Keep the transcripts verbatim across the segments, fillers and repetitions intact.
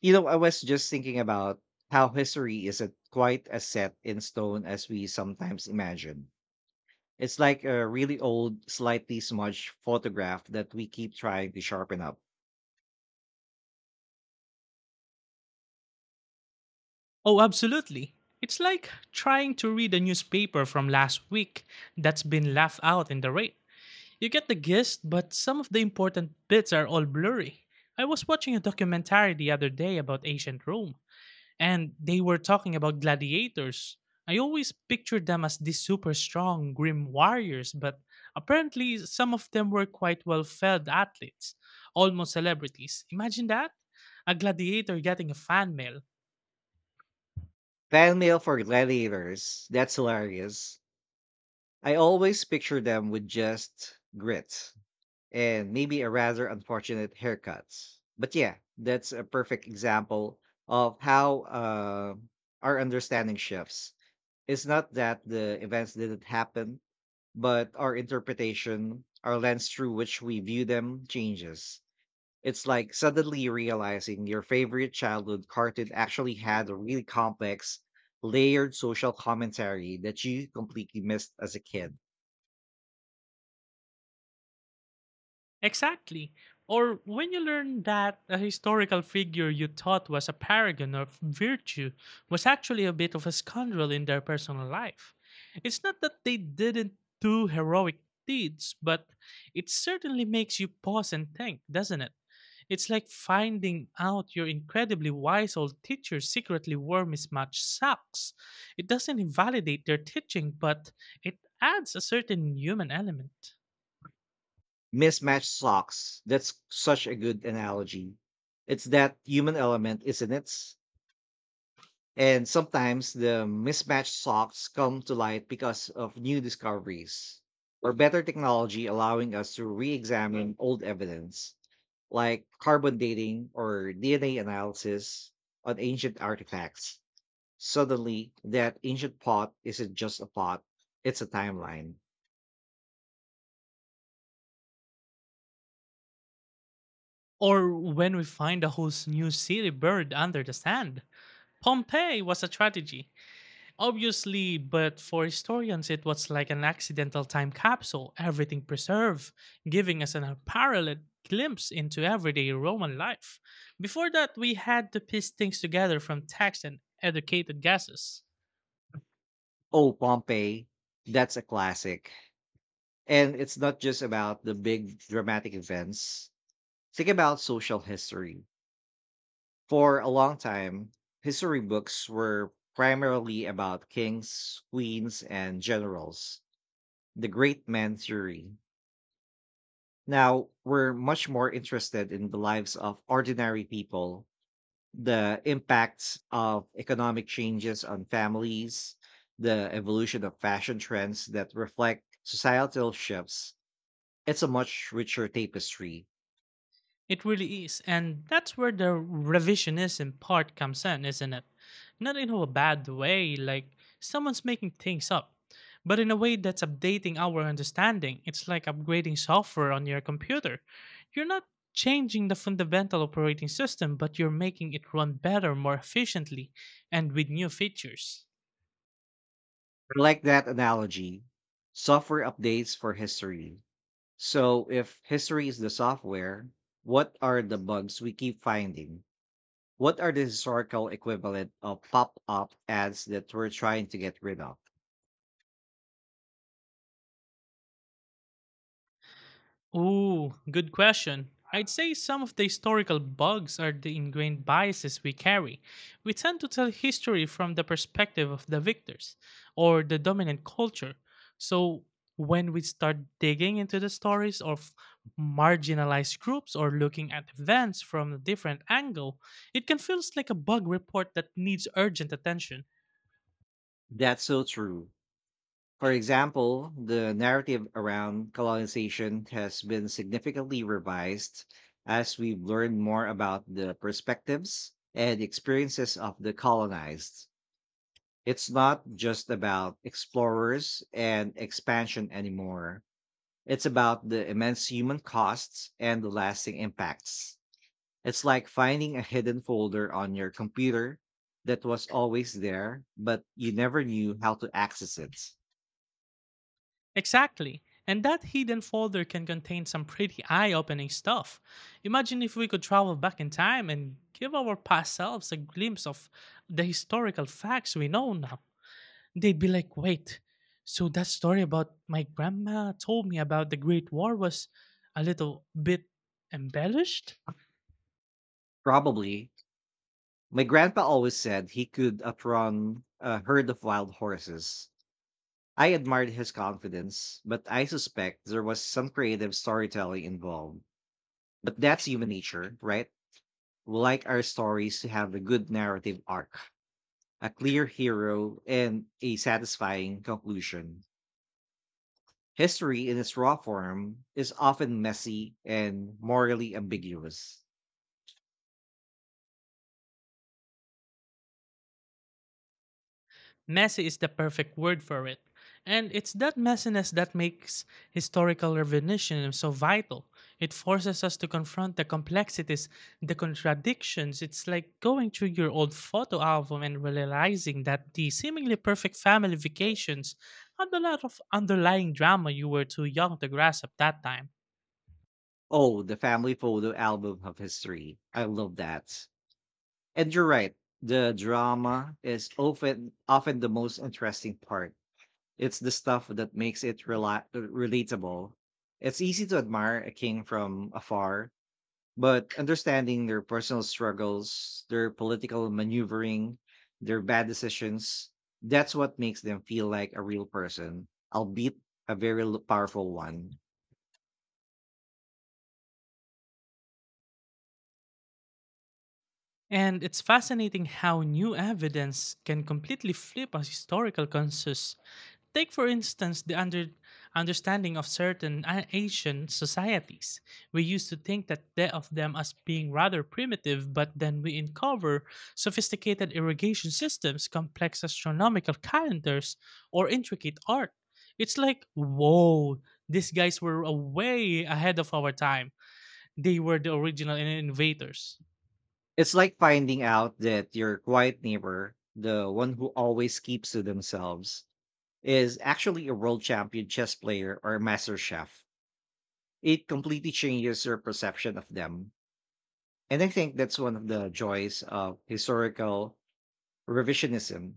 You know, I was just thinking about how history isn't quite as set in stone as we sometimes imagine. It's like a really old, slightly smudged photograph that we keep trying to sharpen up. Oh, absolutely. It's like trying to read a newspaper from last week that's been left out in the rain. You get the gist, but some of the important bits are all blurry. I was watching a documentary the other day about ancient Rome, and they were talking about gladiators. I always pictured them as these super strong, grim warriors, but apparently some of them were quite well fed athletes, almost celebrities. Imagine that? A gladiator getting a fan mail. Fan mail for gladiators. That's hilarious. I always picture them with just grit and maybe a rather unfortunate haircuts. But yeah, that's a perfect example of how uh, our understanding shifts. It's not that the events didn't happen, but our interpretation, our lens through which we view them, changes. It's like suddenly realizing your favorite childhood cartoon actually had a really complex, layered social commentary that you completely missed as a kid. Exactly. Or when you learn that a historical figure you thought was a paragon of virtue was actually a bit of a scoundrel in their personal life. It's not that they didn't do heroic deeds, but it certainly makes you pause and think, doesn't it? It's like finding out your incredibly wise old teacher secretly wore mismatched socks. It doesn't invalidate their teaching, but it adds a certain human element. Mismatched socks. That's such a good analogy. It's that human element, isn't it? And sometimes the mismatched socks come to light because of new discoveries or better technology allowing us to re examine old evidence, like carbon dating or D N A analysis on ancient artifacts. Suddenly, that ancient pot isn't just a pot, it's a timeline. Or when we find a whole new city buried under the sand. Pompeii was a tragedy, obviously, but for historians, it was like an accidental time capsule, everything preserved, giving us an unparalleled glimpse into everyday Roman life. Before that, we had to piece things together from text and educated guesses. Oh, Pompeii, that's a classic. And it's not just about the big dramatic events. Think about social history. For a long time, history books were primarily about kings, queens, and generals, the great man theory. Now, we're much more interested in the lives of ordinary people, the impacts of economic changes on families, the evolution of fashion trends that reflect societal shifts. It's a much richer tapestry. It really is. And that's where the revisionism part comes in, isn't it? Not in a bad way, like someone's making things up, but in a way that's updating our understanding. It's like upgrading software on your computer. You're not changing the fundamental operating system, but you're making it run better, more efficiently, and with new features. I like that analogy. Software updates for history. So, if history is the software, what are the bugs we keep finding? What are the historical equivalent of pop up ads that we're trying to get rid of? Ooh, good question. I'd say some of the historical bugs are the ingrained biases we carry. We tend to tell history from the perspective of the victors or the dominant culture. So when we start digging into the stories of marginalized groups or looking at events from a different angle, it can feel like a bug report that needs urgent attention. That's so true. For example, the narrative around colonization has been significantly revised as we've learned more about the perspectives and experiences of the colonized. It's not just about explorers and expansion anymore. It's about the immense human costs and the lasting impacts. It's like finding a hidden folder on your computer that was always there, but you never knew how to access it. Exactly. And that hidden folder can contain some pretty eye opening stuff. Imagine if we could travel back in time and give our past selves a glimpse of the historical facts we know now. They'd be like, wait, so that story about my grandma told me about the Great War was a little bit embellished? Probably, my grandpa always said he could outrun a herd of wild horses. I admired his confidence, but I suspect there was some creative storytelling involved. But that's human nature, right? We like our stories to have a good narrative arc, a clear hero, and a satisfying conclusion. History in its raw form is often messy and morally ambiguous. Messy is the perfect word for it. And it's that messiness that makes historical revisionism so vital. It forces us to confront the complexities, the contradictions. It's like going through your old photo album and realizing that the seemingly perfect family vacations had a lot of underlying drama you were too young to grasp at that time. Oh, the family photo album of history. I love that. And you're right. The drama is often often the most interesting part. It's the stuff that makes it rela- relatable. It's easy to admire a king from afar, but understanding their personal struggles, their political maneuvering, their bad decisions, that's what makes them feel like a real person, albeit a very l- powerful one. And it's fascinating how new evidence can completely flip a historical consensus. Take, for instance, the under, understanding of certain a- Asian societies. We used to think that the- of them as being rather primitive, but then we uncover sophisticated irrigation systems, complex astronomical calendars, or intricate art. It's like, whoa, these guys were uh, way ahead of our time. They were the original innovators. It's like finding out that your quiet neighbor, the one who always keeps to themselves, is actually a world champion chess player or a master chef. It completely changes your perception of them. And I think that's one of the joys of historical revisionism.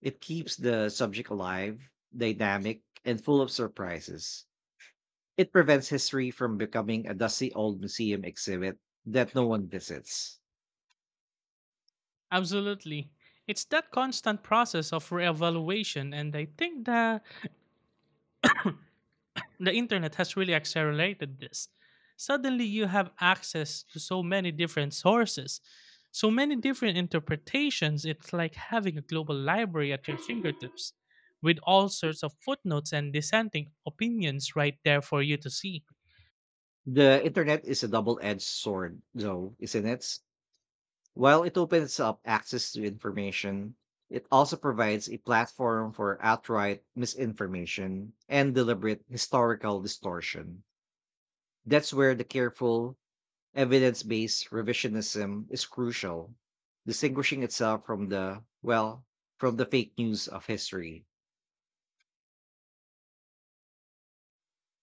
It keeps the subject alive, dynamic, and full of surprises. It prevents history from becoming a dusty old museum exhibit that no one visits. Absolutely. It's that constant process of reevaluation, and I think that the internet has really accelerated this. Suddenly, you have access to so many different sources, so many different interpretations. It's like having a global library at your fingertips with all sorts of footnotes and dissenting opinions right there for you to see. The internet is a double edged sword, though, isn't it? While it opens up access to information, it also provides a platform for outright misinformation and deliberate historical distortion. That's where the careful, evidence based revisionism is crucial, distinguishing itself from the, well, from the fake news of history.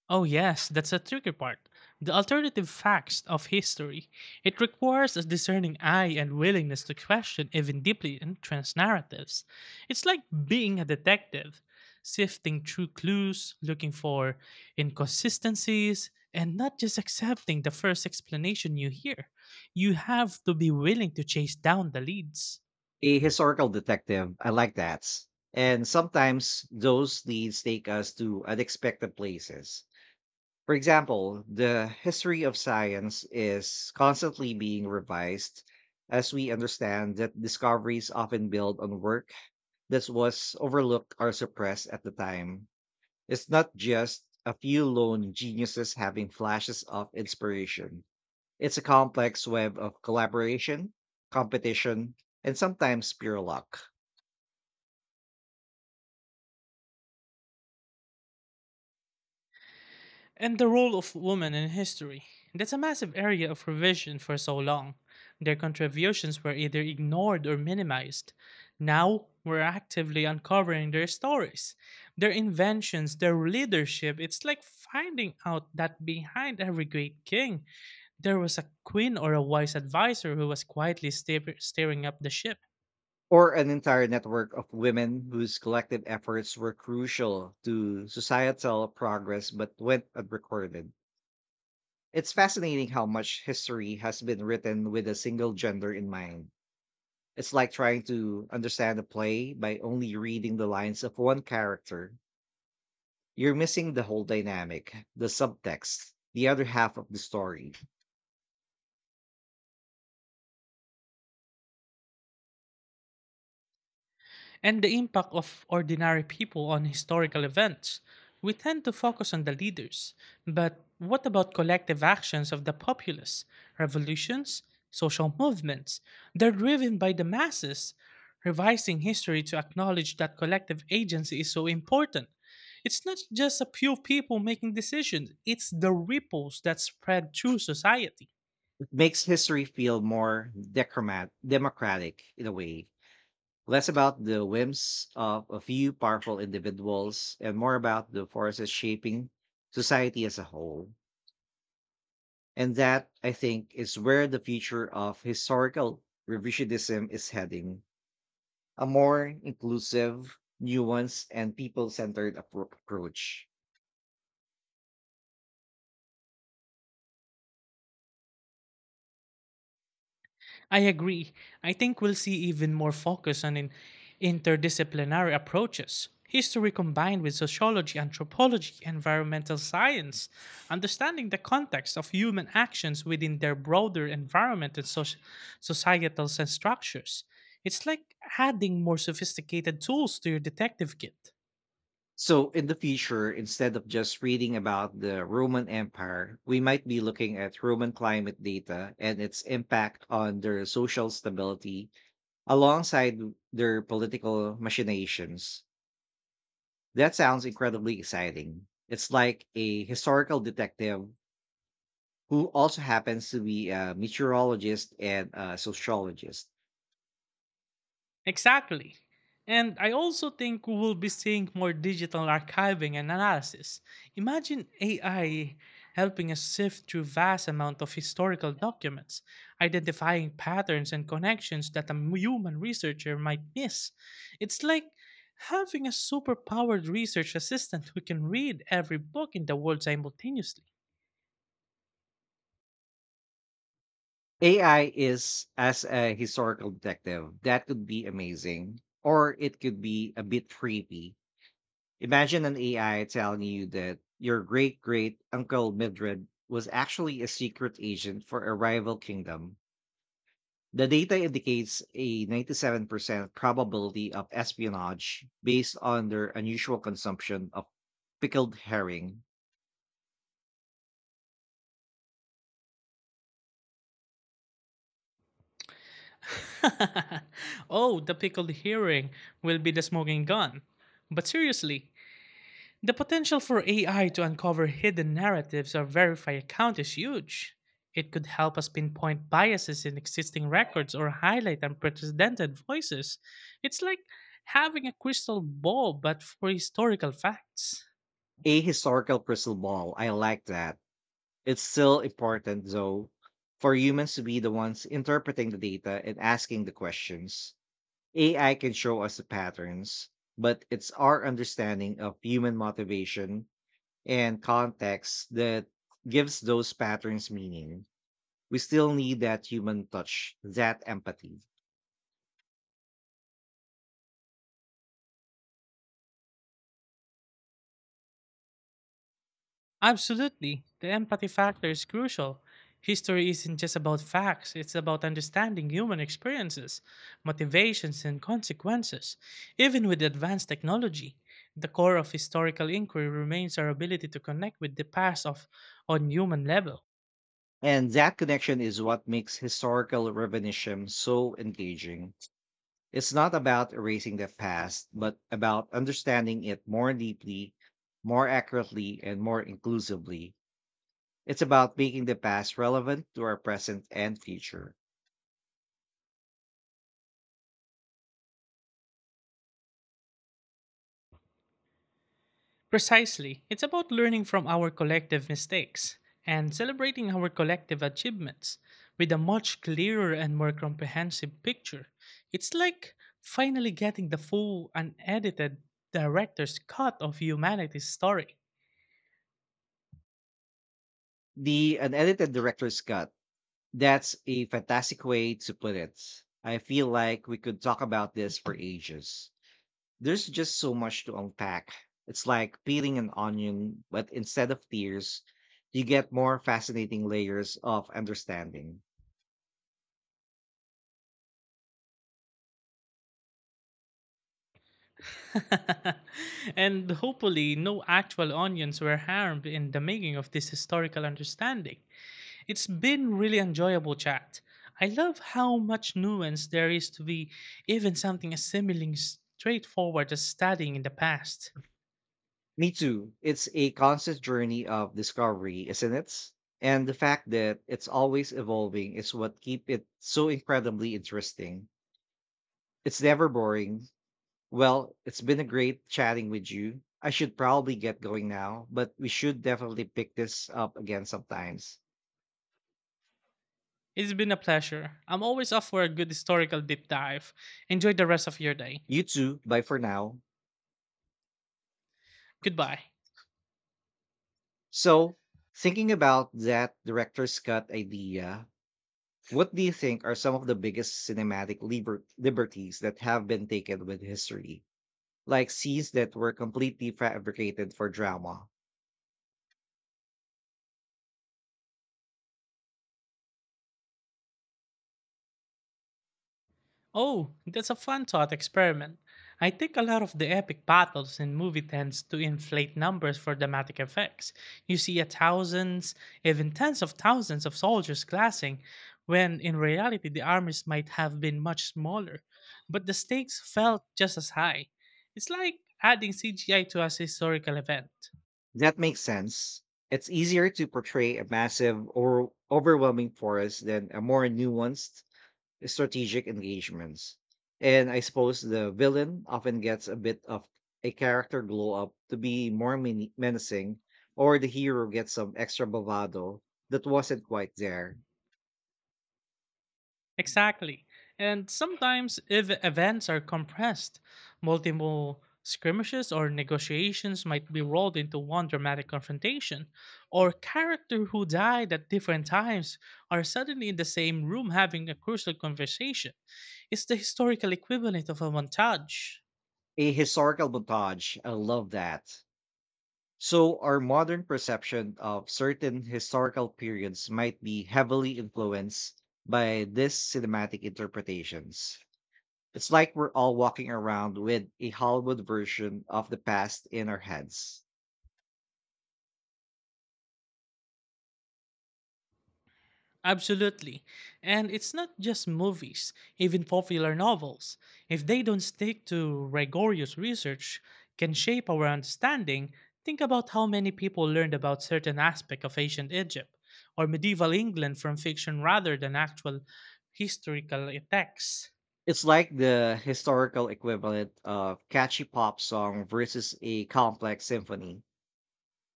Oh, yes, that's the tricky part. The alternative facts of history. It requires a discerning eye and willingness to question even deeply entrenched narratives. It's like being a detective, sifting through clues, looking for inconsistencies, and not just accepting the first explanation you hear. You have to be willing to chase down the leads. A historical detective, I like that. And sometimes those leads take us to unexpected places. For example, the history of science is constantly being revised as we understand that discoveries often build on work that was overlooked or suppressed at the time. It's not just a few lone geniuses having flashes of inspiration. It's a complex web of collaboration, competition, and sometimes pure luck, And the role of women in history. That's a massive area of revision for so long. Their contributions were either ignored or minimized. Now, we're actively uncovering their stories, their inventions, their leadership. It's like finding out that behind every great king there was a queen or a wise adviser who was quietly steer- steering up the ship. or an entire network of women whose collective efforts were crucial to societal progress but went unrecorded. It's fascinating how much history has been written with a single gender in mind. It's like trying to understand a play by only reading the lines of one character. You're missing the whole dynamic, the subtext, the other half of the story. And the impact of ordinary people on historical events. We tend to focus on the leaders, but what about collective actions of the populace? Revolutions, social movements, they're driven by the masses. Revising history to acknowledge that collective agency is so important. It's not just a few people making decisions, it's the ripples that spread through society. It makes history feel more decromat- democratic in a way, less about the whims of a few powerful individuals and more about the forces shaping society as a whole. And that, I think, is where the future of historical revisionism is heading, a more inclusive, nuanced, and people centered appro- approach. I agree. I think we'll see even more focus on in- interdisciplinary approaches. History combined with sociology, anthropology, environmental science, understanding the context of human actions within their broader environment and soci- societal sen- structures. It's like adding more sophisticated tools to your detective kit. So, in the future, instead of just reading about the Roman Empire, we might be looking at Roman climate data and its impact on their social stability alongside their political machinations. That sounds incredibly exciting. It's like a historical detective who also happens to be a meteorologist and a sociologist. Exactly. And I also think we will be seeing more digital archiving and analysis. Imagine A I helping us sift through vast amount of historical documents, identifying patterns and connections that a m- human researcher might miss. It's like having a superpowered research assistant who can read every book in the world simultaneously. A I is as a historical detective. That could be amazing, or it could be a bit creepy. Imagine an A I telling you that your great great uncle Mildred was actually a secret agent for a rival kingdom. The data indicates a ninety-seven percent probability of espionage based on their unusual consumption of pickled herring. Oh, the pickled herring will be the smoking gun. But seriously, the potential for A I to uncover hidden narratives or verify accounts is huge. It could help us pinpoint biases in existing records or highlight unprecedented voices. It's like having a crystal ball, but for historical facts. A historical crystal ball. I like that. It's still important, though, for humans to be the ones interpreting the data and asking the questions. A I can show us the patterns, but it's our understanding of human motivation and context that gives those patterns meaning. We still need that human touch, that empathy. Absolutely. The empathy factor is crucial. History isn't just about facts, it's about understanding human experiences, motivations, and consequences. Even with advanced technology, the core of historical inquiry remains our ability to connect with the past of, on human level. And that connection is what makes historical reminiscence so engaging. It's not about erasing the past, but about understanding it more deeply, more accurately, and more inclusively. It's about making the past relevant to our present and future. Precisely. It's about learning from our collective mistakes and celebrating our collective achievements with a much clearer and more comprehensive picture. It's like finally getting the full, unedited director's cut of humanity's story. The unedited director's cut. That's a fantastic way to put it. I feel like we could talk about this for ages. There's just so much to unpack. It's like peeling an onion, but instead of tears, you get more fascinating layers of understanding. And hopefully, no actual onions were harmed in the making of this historical understanding. It's been really enjoyable chat. I love how much nuance there is to be even something as seemingly straightforward as studying in the past. Me too. It's a constant journey of discovery, isn't it? And the fact that it's always evolving is what keep it so incredibly interesting. It's never boring. Well, it's been a great chatting with you. I should probably get going now, but we should definitely pick this up again sometimes. It's been a pleasure. I'm always up for a good historical deep dive. Enjoy the rest of your day. You too, bye for now. Goodbye. So, thinking about that director's cut idea, what do you think are some of the biggest cinematic liber- liberties that have been taken with history? Like scenes that were completely fabricated for drama. Oh, that's a fun thought experiment. I think a lot of the epic battles in movie tends to inflate numbers for dramatic effects. You see a thousands, even tens of thousands of soldiers clashing, when in reality the armies might have been much smaller, but the stakes felt just as high. It's like adding C G I to a historical event. That makes sense. It's easier to portray a massive or overwhelming forest than a more nuanced strategic engagements. And I suppose the villain often gets a bit of a character glow up to be more men- menacing, or the hero gets some extra bravado that wasn't quite there. Exactly. And sometimes if events are compressed, multiple skirmishes or negotiations might be rolled into one dramatic confrontation, or character who died at different times are suddenly in the same room having a crucial conversation. It's the historical equivalent of a montage. A historical montage, I love that. So, our modern perception of certain historical periods might be heavily influenced by these cinematic interpretations. It's like we're all walking around with a Hollywood version of the past in our heads. Absolutely. And it's not just movies, even popular novels, if they don't stick to rigorous research, can shape our understanding. Think about how many people learned about certain aspect of ancient Egypt or medieval England from fiction rather than actual historical attacks It's like the historical equivalent of catchy pop song versus a complex symphony.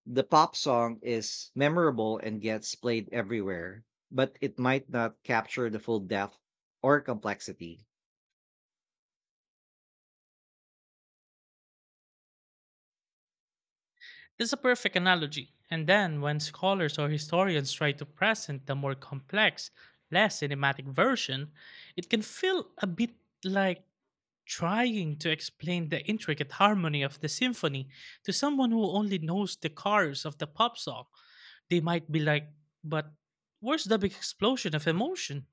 The pop song is memorable and gets played everywhere, but it might not capture the full depth or complexity. is a perfect analogy. And then, when scholars or historians try to present the more complex, less cinematic version, it can feel a bit like trying to explain the intricate harmony of the symphony to someone who only knows the chorus of the pop song, they might be like, but where's the big explosion of emotion?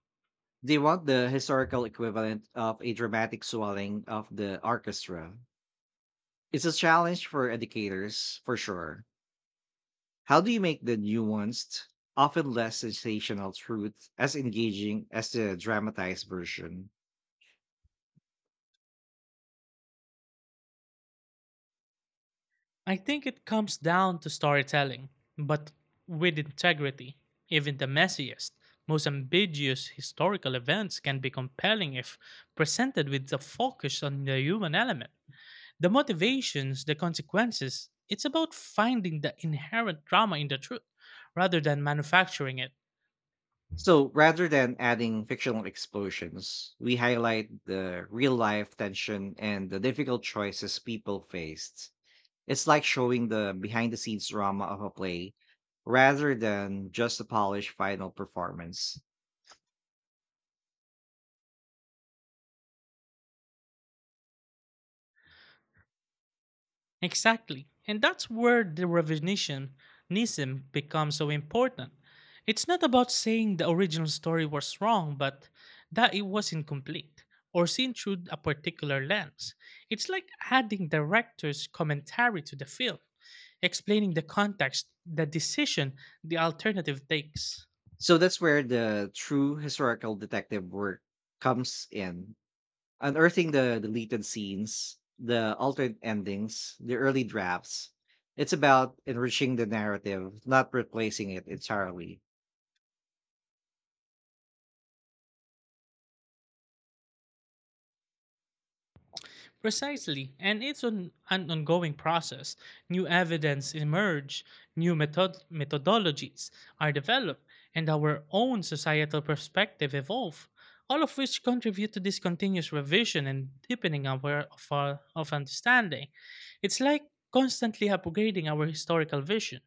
They want the historical equivalent of a dramatic swelling of the orchestra. It's a challenge for educators, for sure. How do you make the nuanced, often less sensational truth as engaging as the dramatized version? I think it comes down to storytelling, but with integrity. Even the messiest, most ambiguous historical events can be compelling if presented with the focus on the human element. The motivations, the consequences, it's about finding the inherent drama in the truth rather than manufacturing it. So rather than adding fictional explosions, we highlight the real life tension and the difficult choices people faced. It's like showing the behind the scenes drama of a play rather than just a polished final performance. Exactly. And that's where the revisionism becomes so important. It's not about saying the original story was wrong, but that it was incomplete or seen through a particular lens. It's like adding director's commentary to the film, explaining the context, the decision the alternative takes. So that's where the true historical detective work comes in, unearthing the deleted scenes, the altered endings, the early drafts. It's about enriching the narrative, not replacing it entirely. Precisely, and it's an, an ongoing process. New evidence emerge, new method- methodologies are developed, and our own societal perspective evolve, all of which contribute to this continuous revision and deepening our, of our of understanding. It's like constantly upgrading our historical vision.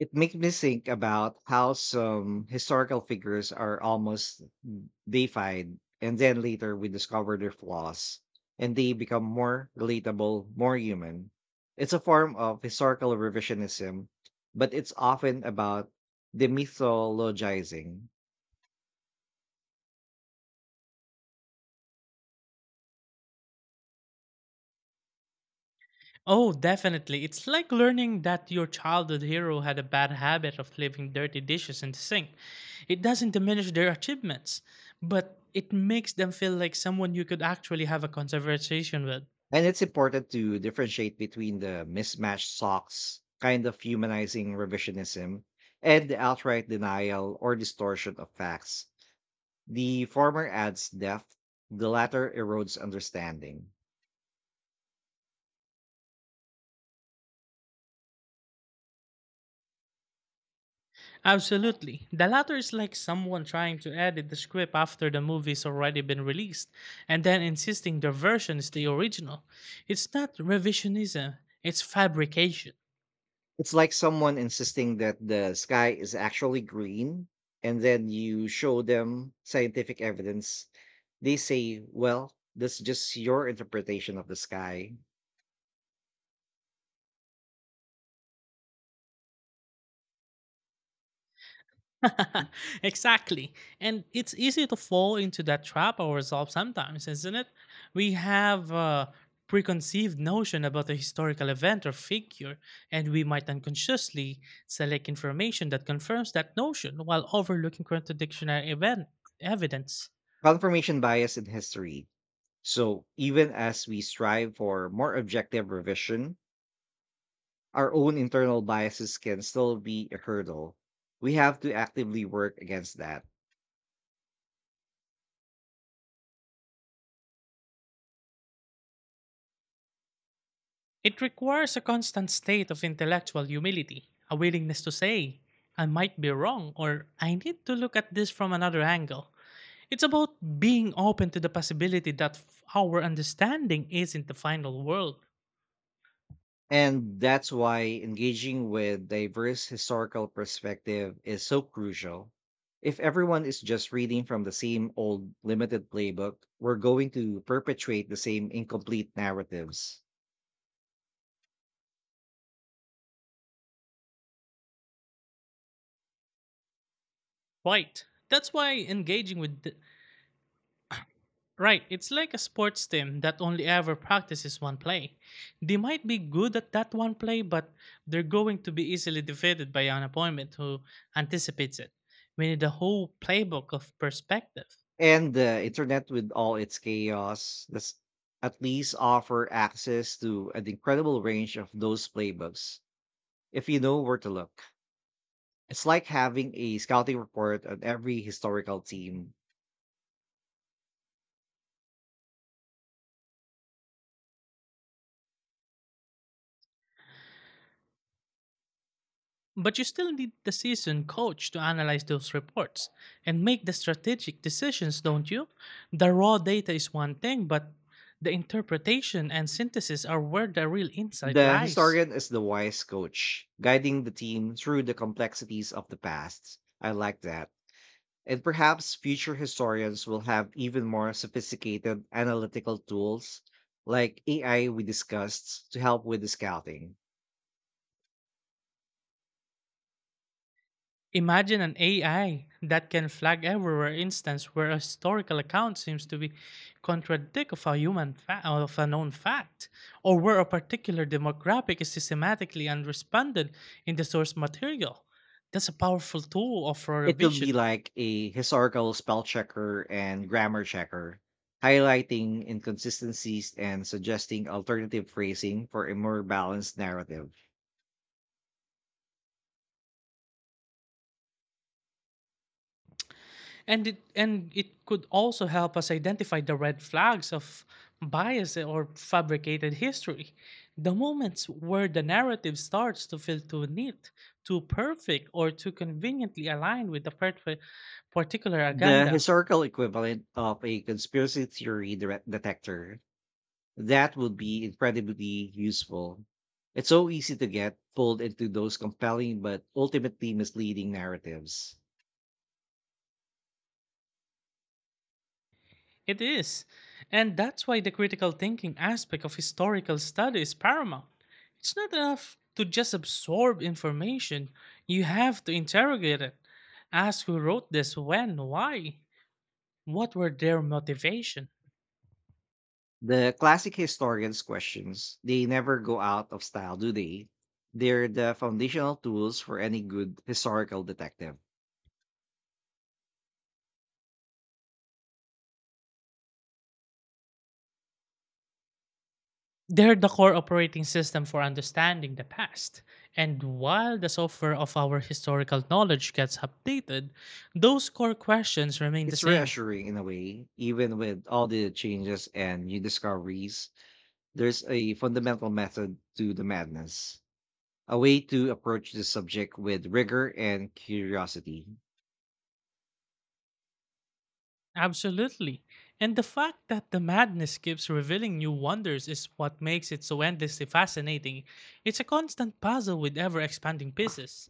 It makes me think about how some historical figures are almost they find and then later we discover their flaws and they become more relatable, more human. It's a form of historical revisionism, but it's often about demythologizing. Oh, definitely. It's like learning that your childhood hero had a bad habit of leaving dirty dishes in the sink. It doesn't diminish their achievements, but it makes them feel like someone you could actually have a conversation with. And it's important to differentiate between the mismatched socks kind of humanizing revisionism and the outright denial or distortion of facts. The former adds depth, the latter erodes understanding. Absolutely. The latter is like someone trying to edit the script after the movie's already been released and then insisting their version is the original. It's not revisionism, it's fabrication. It's like someone insisting that the sky is actually green, and then you show them scientific evidence. They say, well, that's just your interpretation of the sky. Exactly. And it's easy to fall into that trap ourselves sometimes, isn't it? We have a preconceived notion about a historical event or figure, and we might unconsciously select information that confirms that notion while overlooking contradictionary event evidence. Confirmation bias in history. So, even as we strive for more objective revision, our own internal biases can still be a hurdle. We have to actively work against that. It requires a constant state of intellectual humility, a willingness to say, I might be wrong, or I need to look at this from another angle. It's about being open to the possibility that f- our understanding isn't the final world. And that's why engaging with diverse historical perspective is so crucial. If everyone is just reading from the same old limited playbook, we're going to perpetuate the same incomplete narratives. Right. That's why engaging with th- Right, it's like a sports team that only ever practices one play. They might be good at that one play, but they're going to be easily defeated by an opponent who anticipates it. We need a whole playbook of perspective. And the internet, with all its chaos, does at least offer access to an incredible range of those playbooks if you know where to look. It's like having a scouting report on every historical team. But you still need the seasoned coach to analyze those reports and make the strategic decisions, don't you? The raw data is one thing, but the interpretation and synthesis are where the real insight The lies. historian is the wise coach, guiding the team through the complexities of the past. I like that. And perhaps future historians will have even more sophisticated analytical tools like A I we discussed to help with the scouting. Imagine an A I that can flag everywhere instance where a historical account seems to be contradictory of a human fa- of a known fact, or where a particular demographic is systematically unresponded in the source material. That's a powerful tool of for It could be revision. like a historical spell checker and grammar checker, highlighting inconsistencies and suggesting alternative phrasing for a more balanced narrative. and it and it could also help us identify the red flags of bias or fabricated history, the moments where the narrative starts to feel too neat, too perfect, or too conveniently aligned with the perfe- particular The agenda. historical equivalent of a conspiracy theory dire- detector, that would be incredibly useful. It's so easy to get pulled into those compelling but ultimately misleading narratives. It is, and that's why the critical thinking aspect of historical study is paramount. It's not enough to just absorb information, you have to interrogate it, ask who wrote this, when, why. What were their motivation? The classic historians' questions, they never go out of style, do they? They're the foundational tools for any good historical detective. They're the core operating system for understanding the past. And while the software of our historical knowledge gets updated, those core questions remain the It's same. reassuring in a way, even with all the changes and new discoveries, there's a fundamental method to the madness, a way to approach the subject with rigor and curiosity. Absolutely. And the fact that the madness keeps revealing new wonders is what makes it so endlessly fascinating. It's a constant puzzle with ever expanding pieces.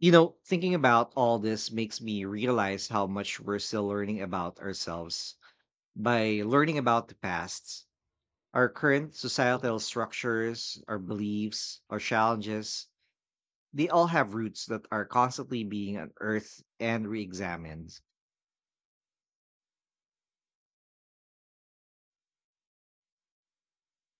You know, thinking about all this makes me realize how much we're still learning about ourselves by learning about the past, our current societal structures, our beliefs, our challenges, they all have roots that are constantly being unearthed and re examined.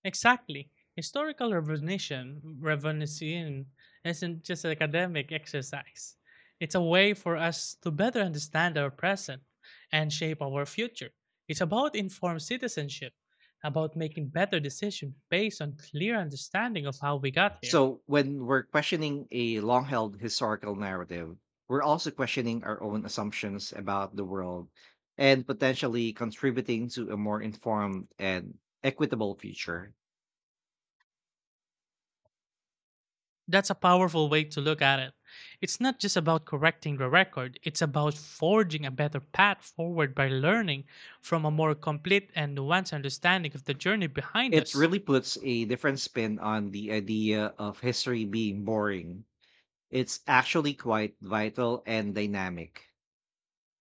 Exactly. Historical revisionism, revisionism isn't just an academic exercise. It's a way for us to better understand our present and shape our future. It's about informed citizenship, about making better decisions based on clear understanding of how we got here. So, when we're questioning a long held historical narrative, we're also questioning our own assumptions about the world and potentially contributing to a more informed and equitable future. That's a powerful way to look at it. It's not just about correcting the record, it's about forging a better path forward by learning from a more complete and nuanced understanding of the journey behind It us. really puts a different spin on the idea of history being boring. It's actually quite vital and dynamic.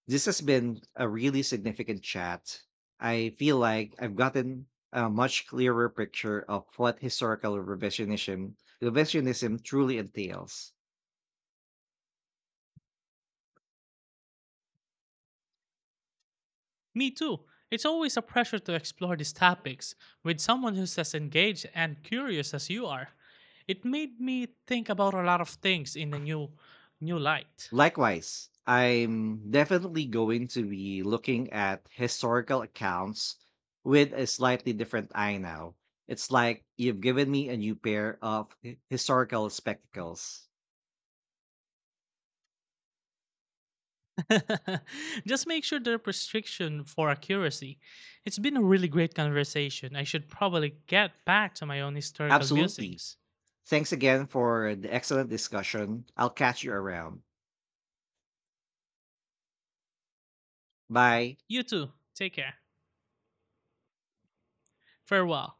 This has been a really significant chat. I feel like I've gotten a much clearer picture of what historical revisionism revisionism truly entails. Me too. It's always a pleasure to explore these topics with someone who's as engaged and curious as you are. It made me think about a lot of things in a new new light. Likewise, I'm definitely going to be looking at historical accounts with a slightly different eye now. It's like you've given me a new pair of hi- historical spectacles. Just make sure the restriction for accuracy. It's been a really great conversation. I should probably get back to my own historical Absolutely. musings. Thanks again for the excellent discussion. I'll catch you around. Bye. You too. Take care. Farewell.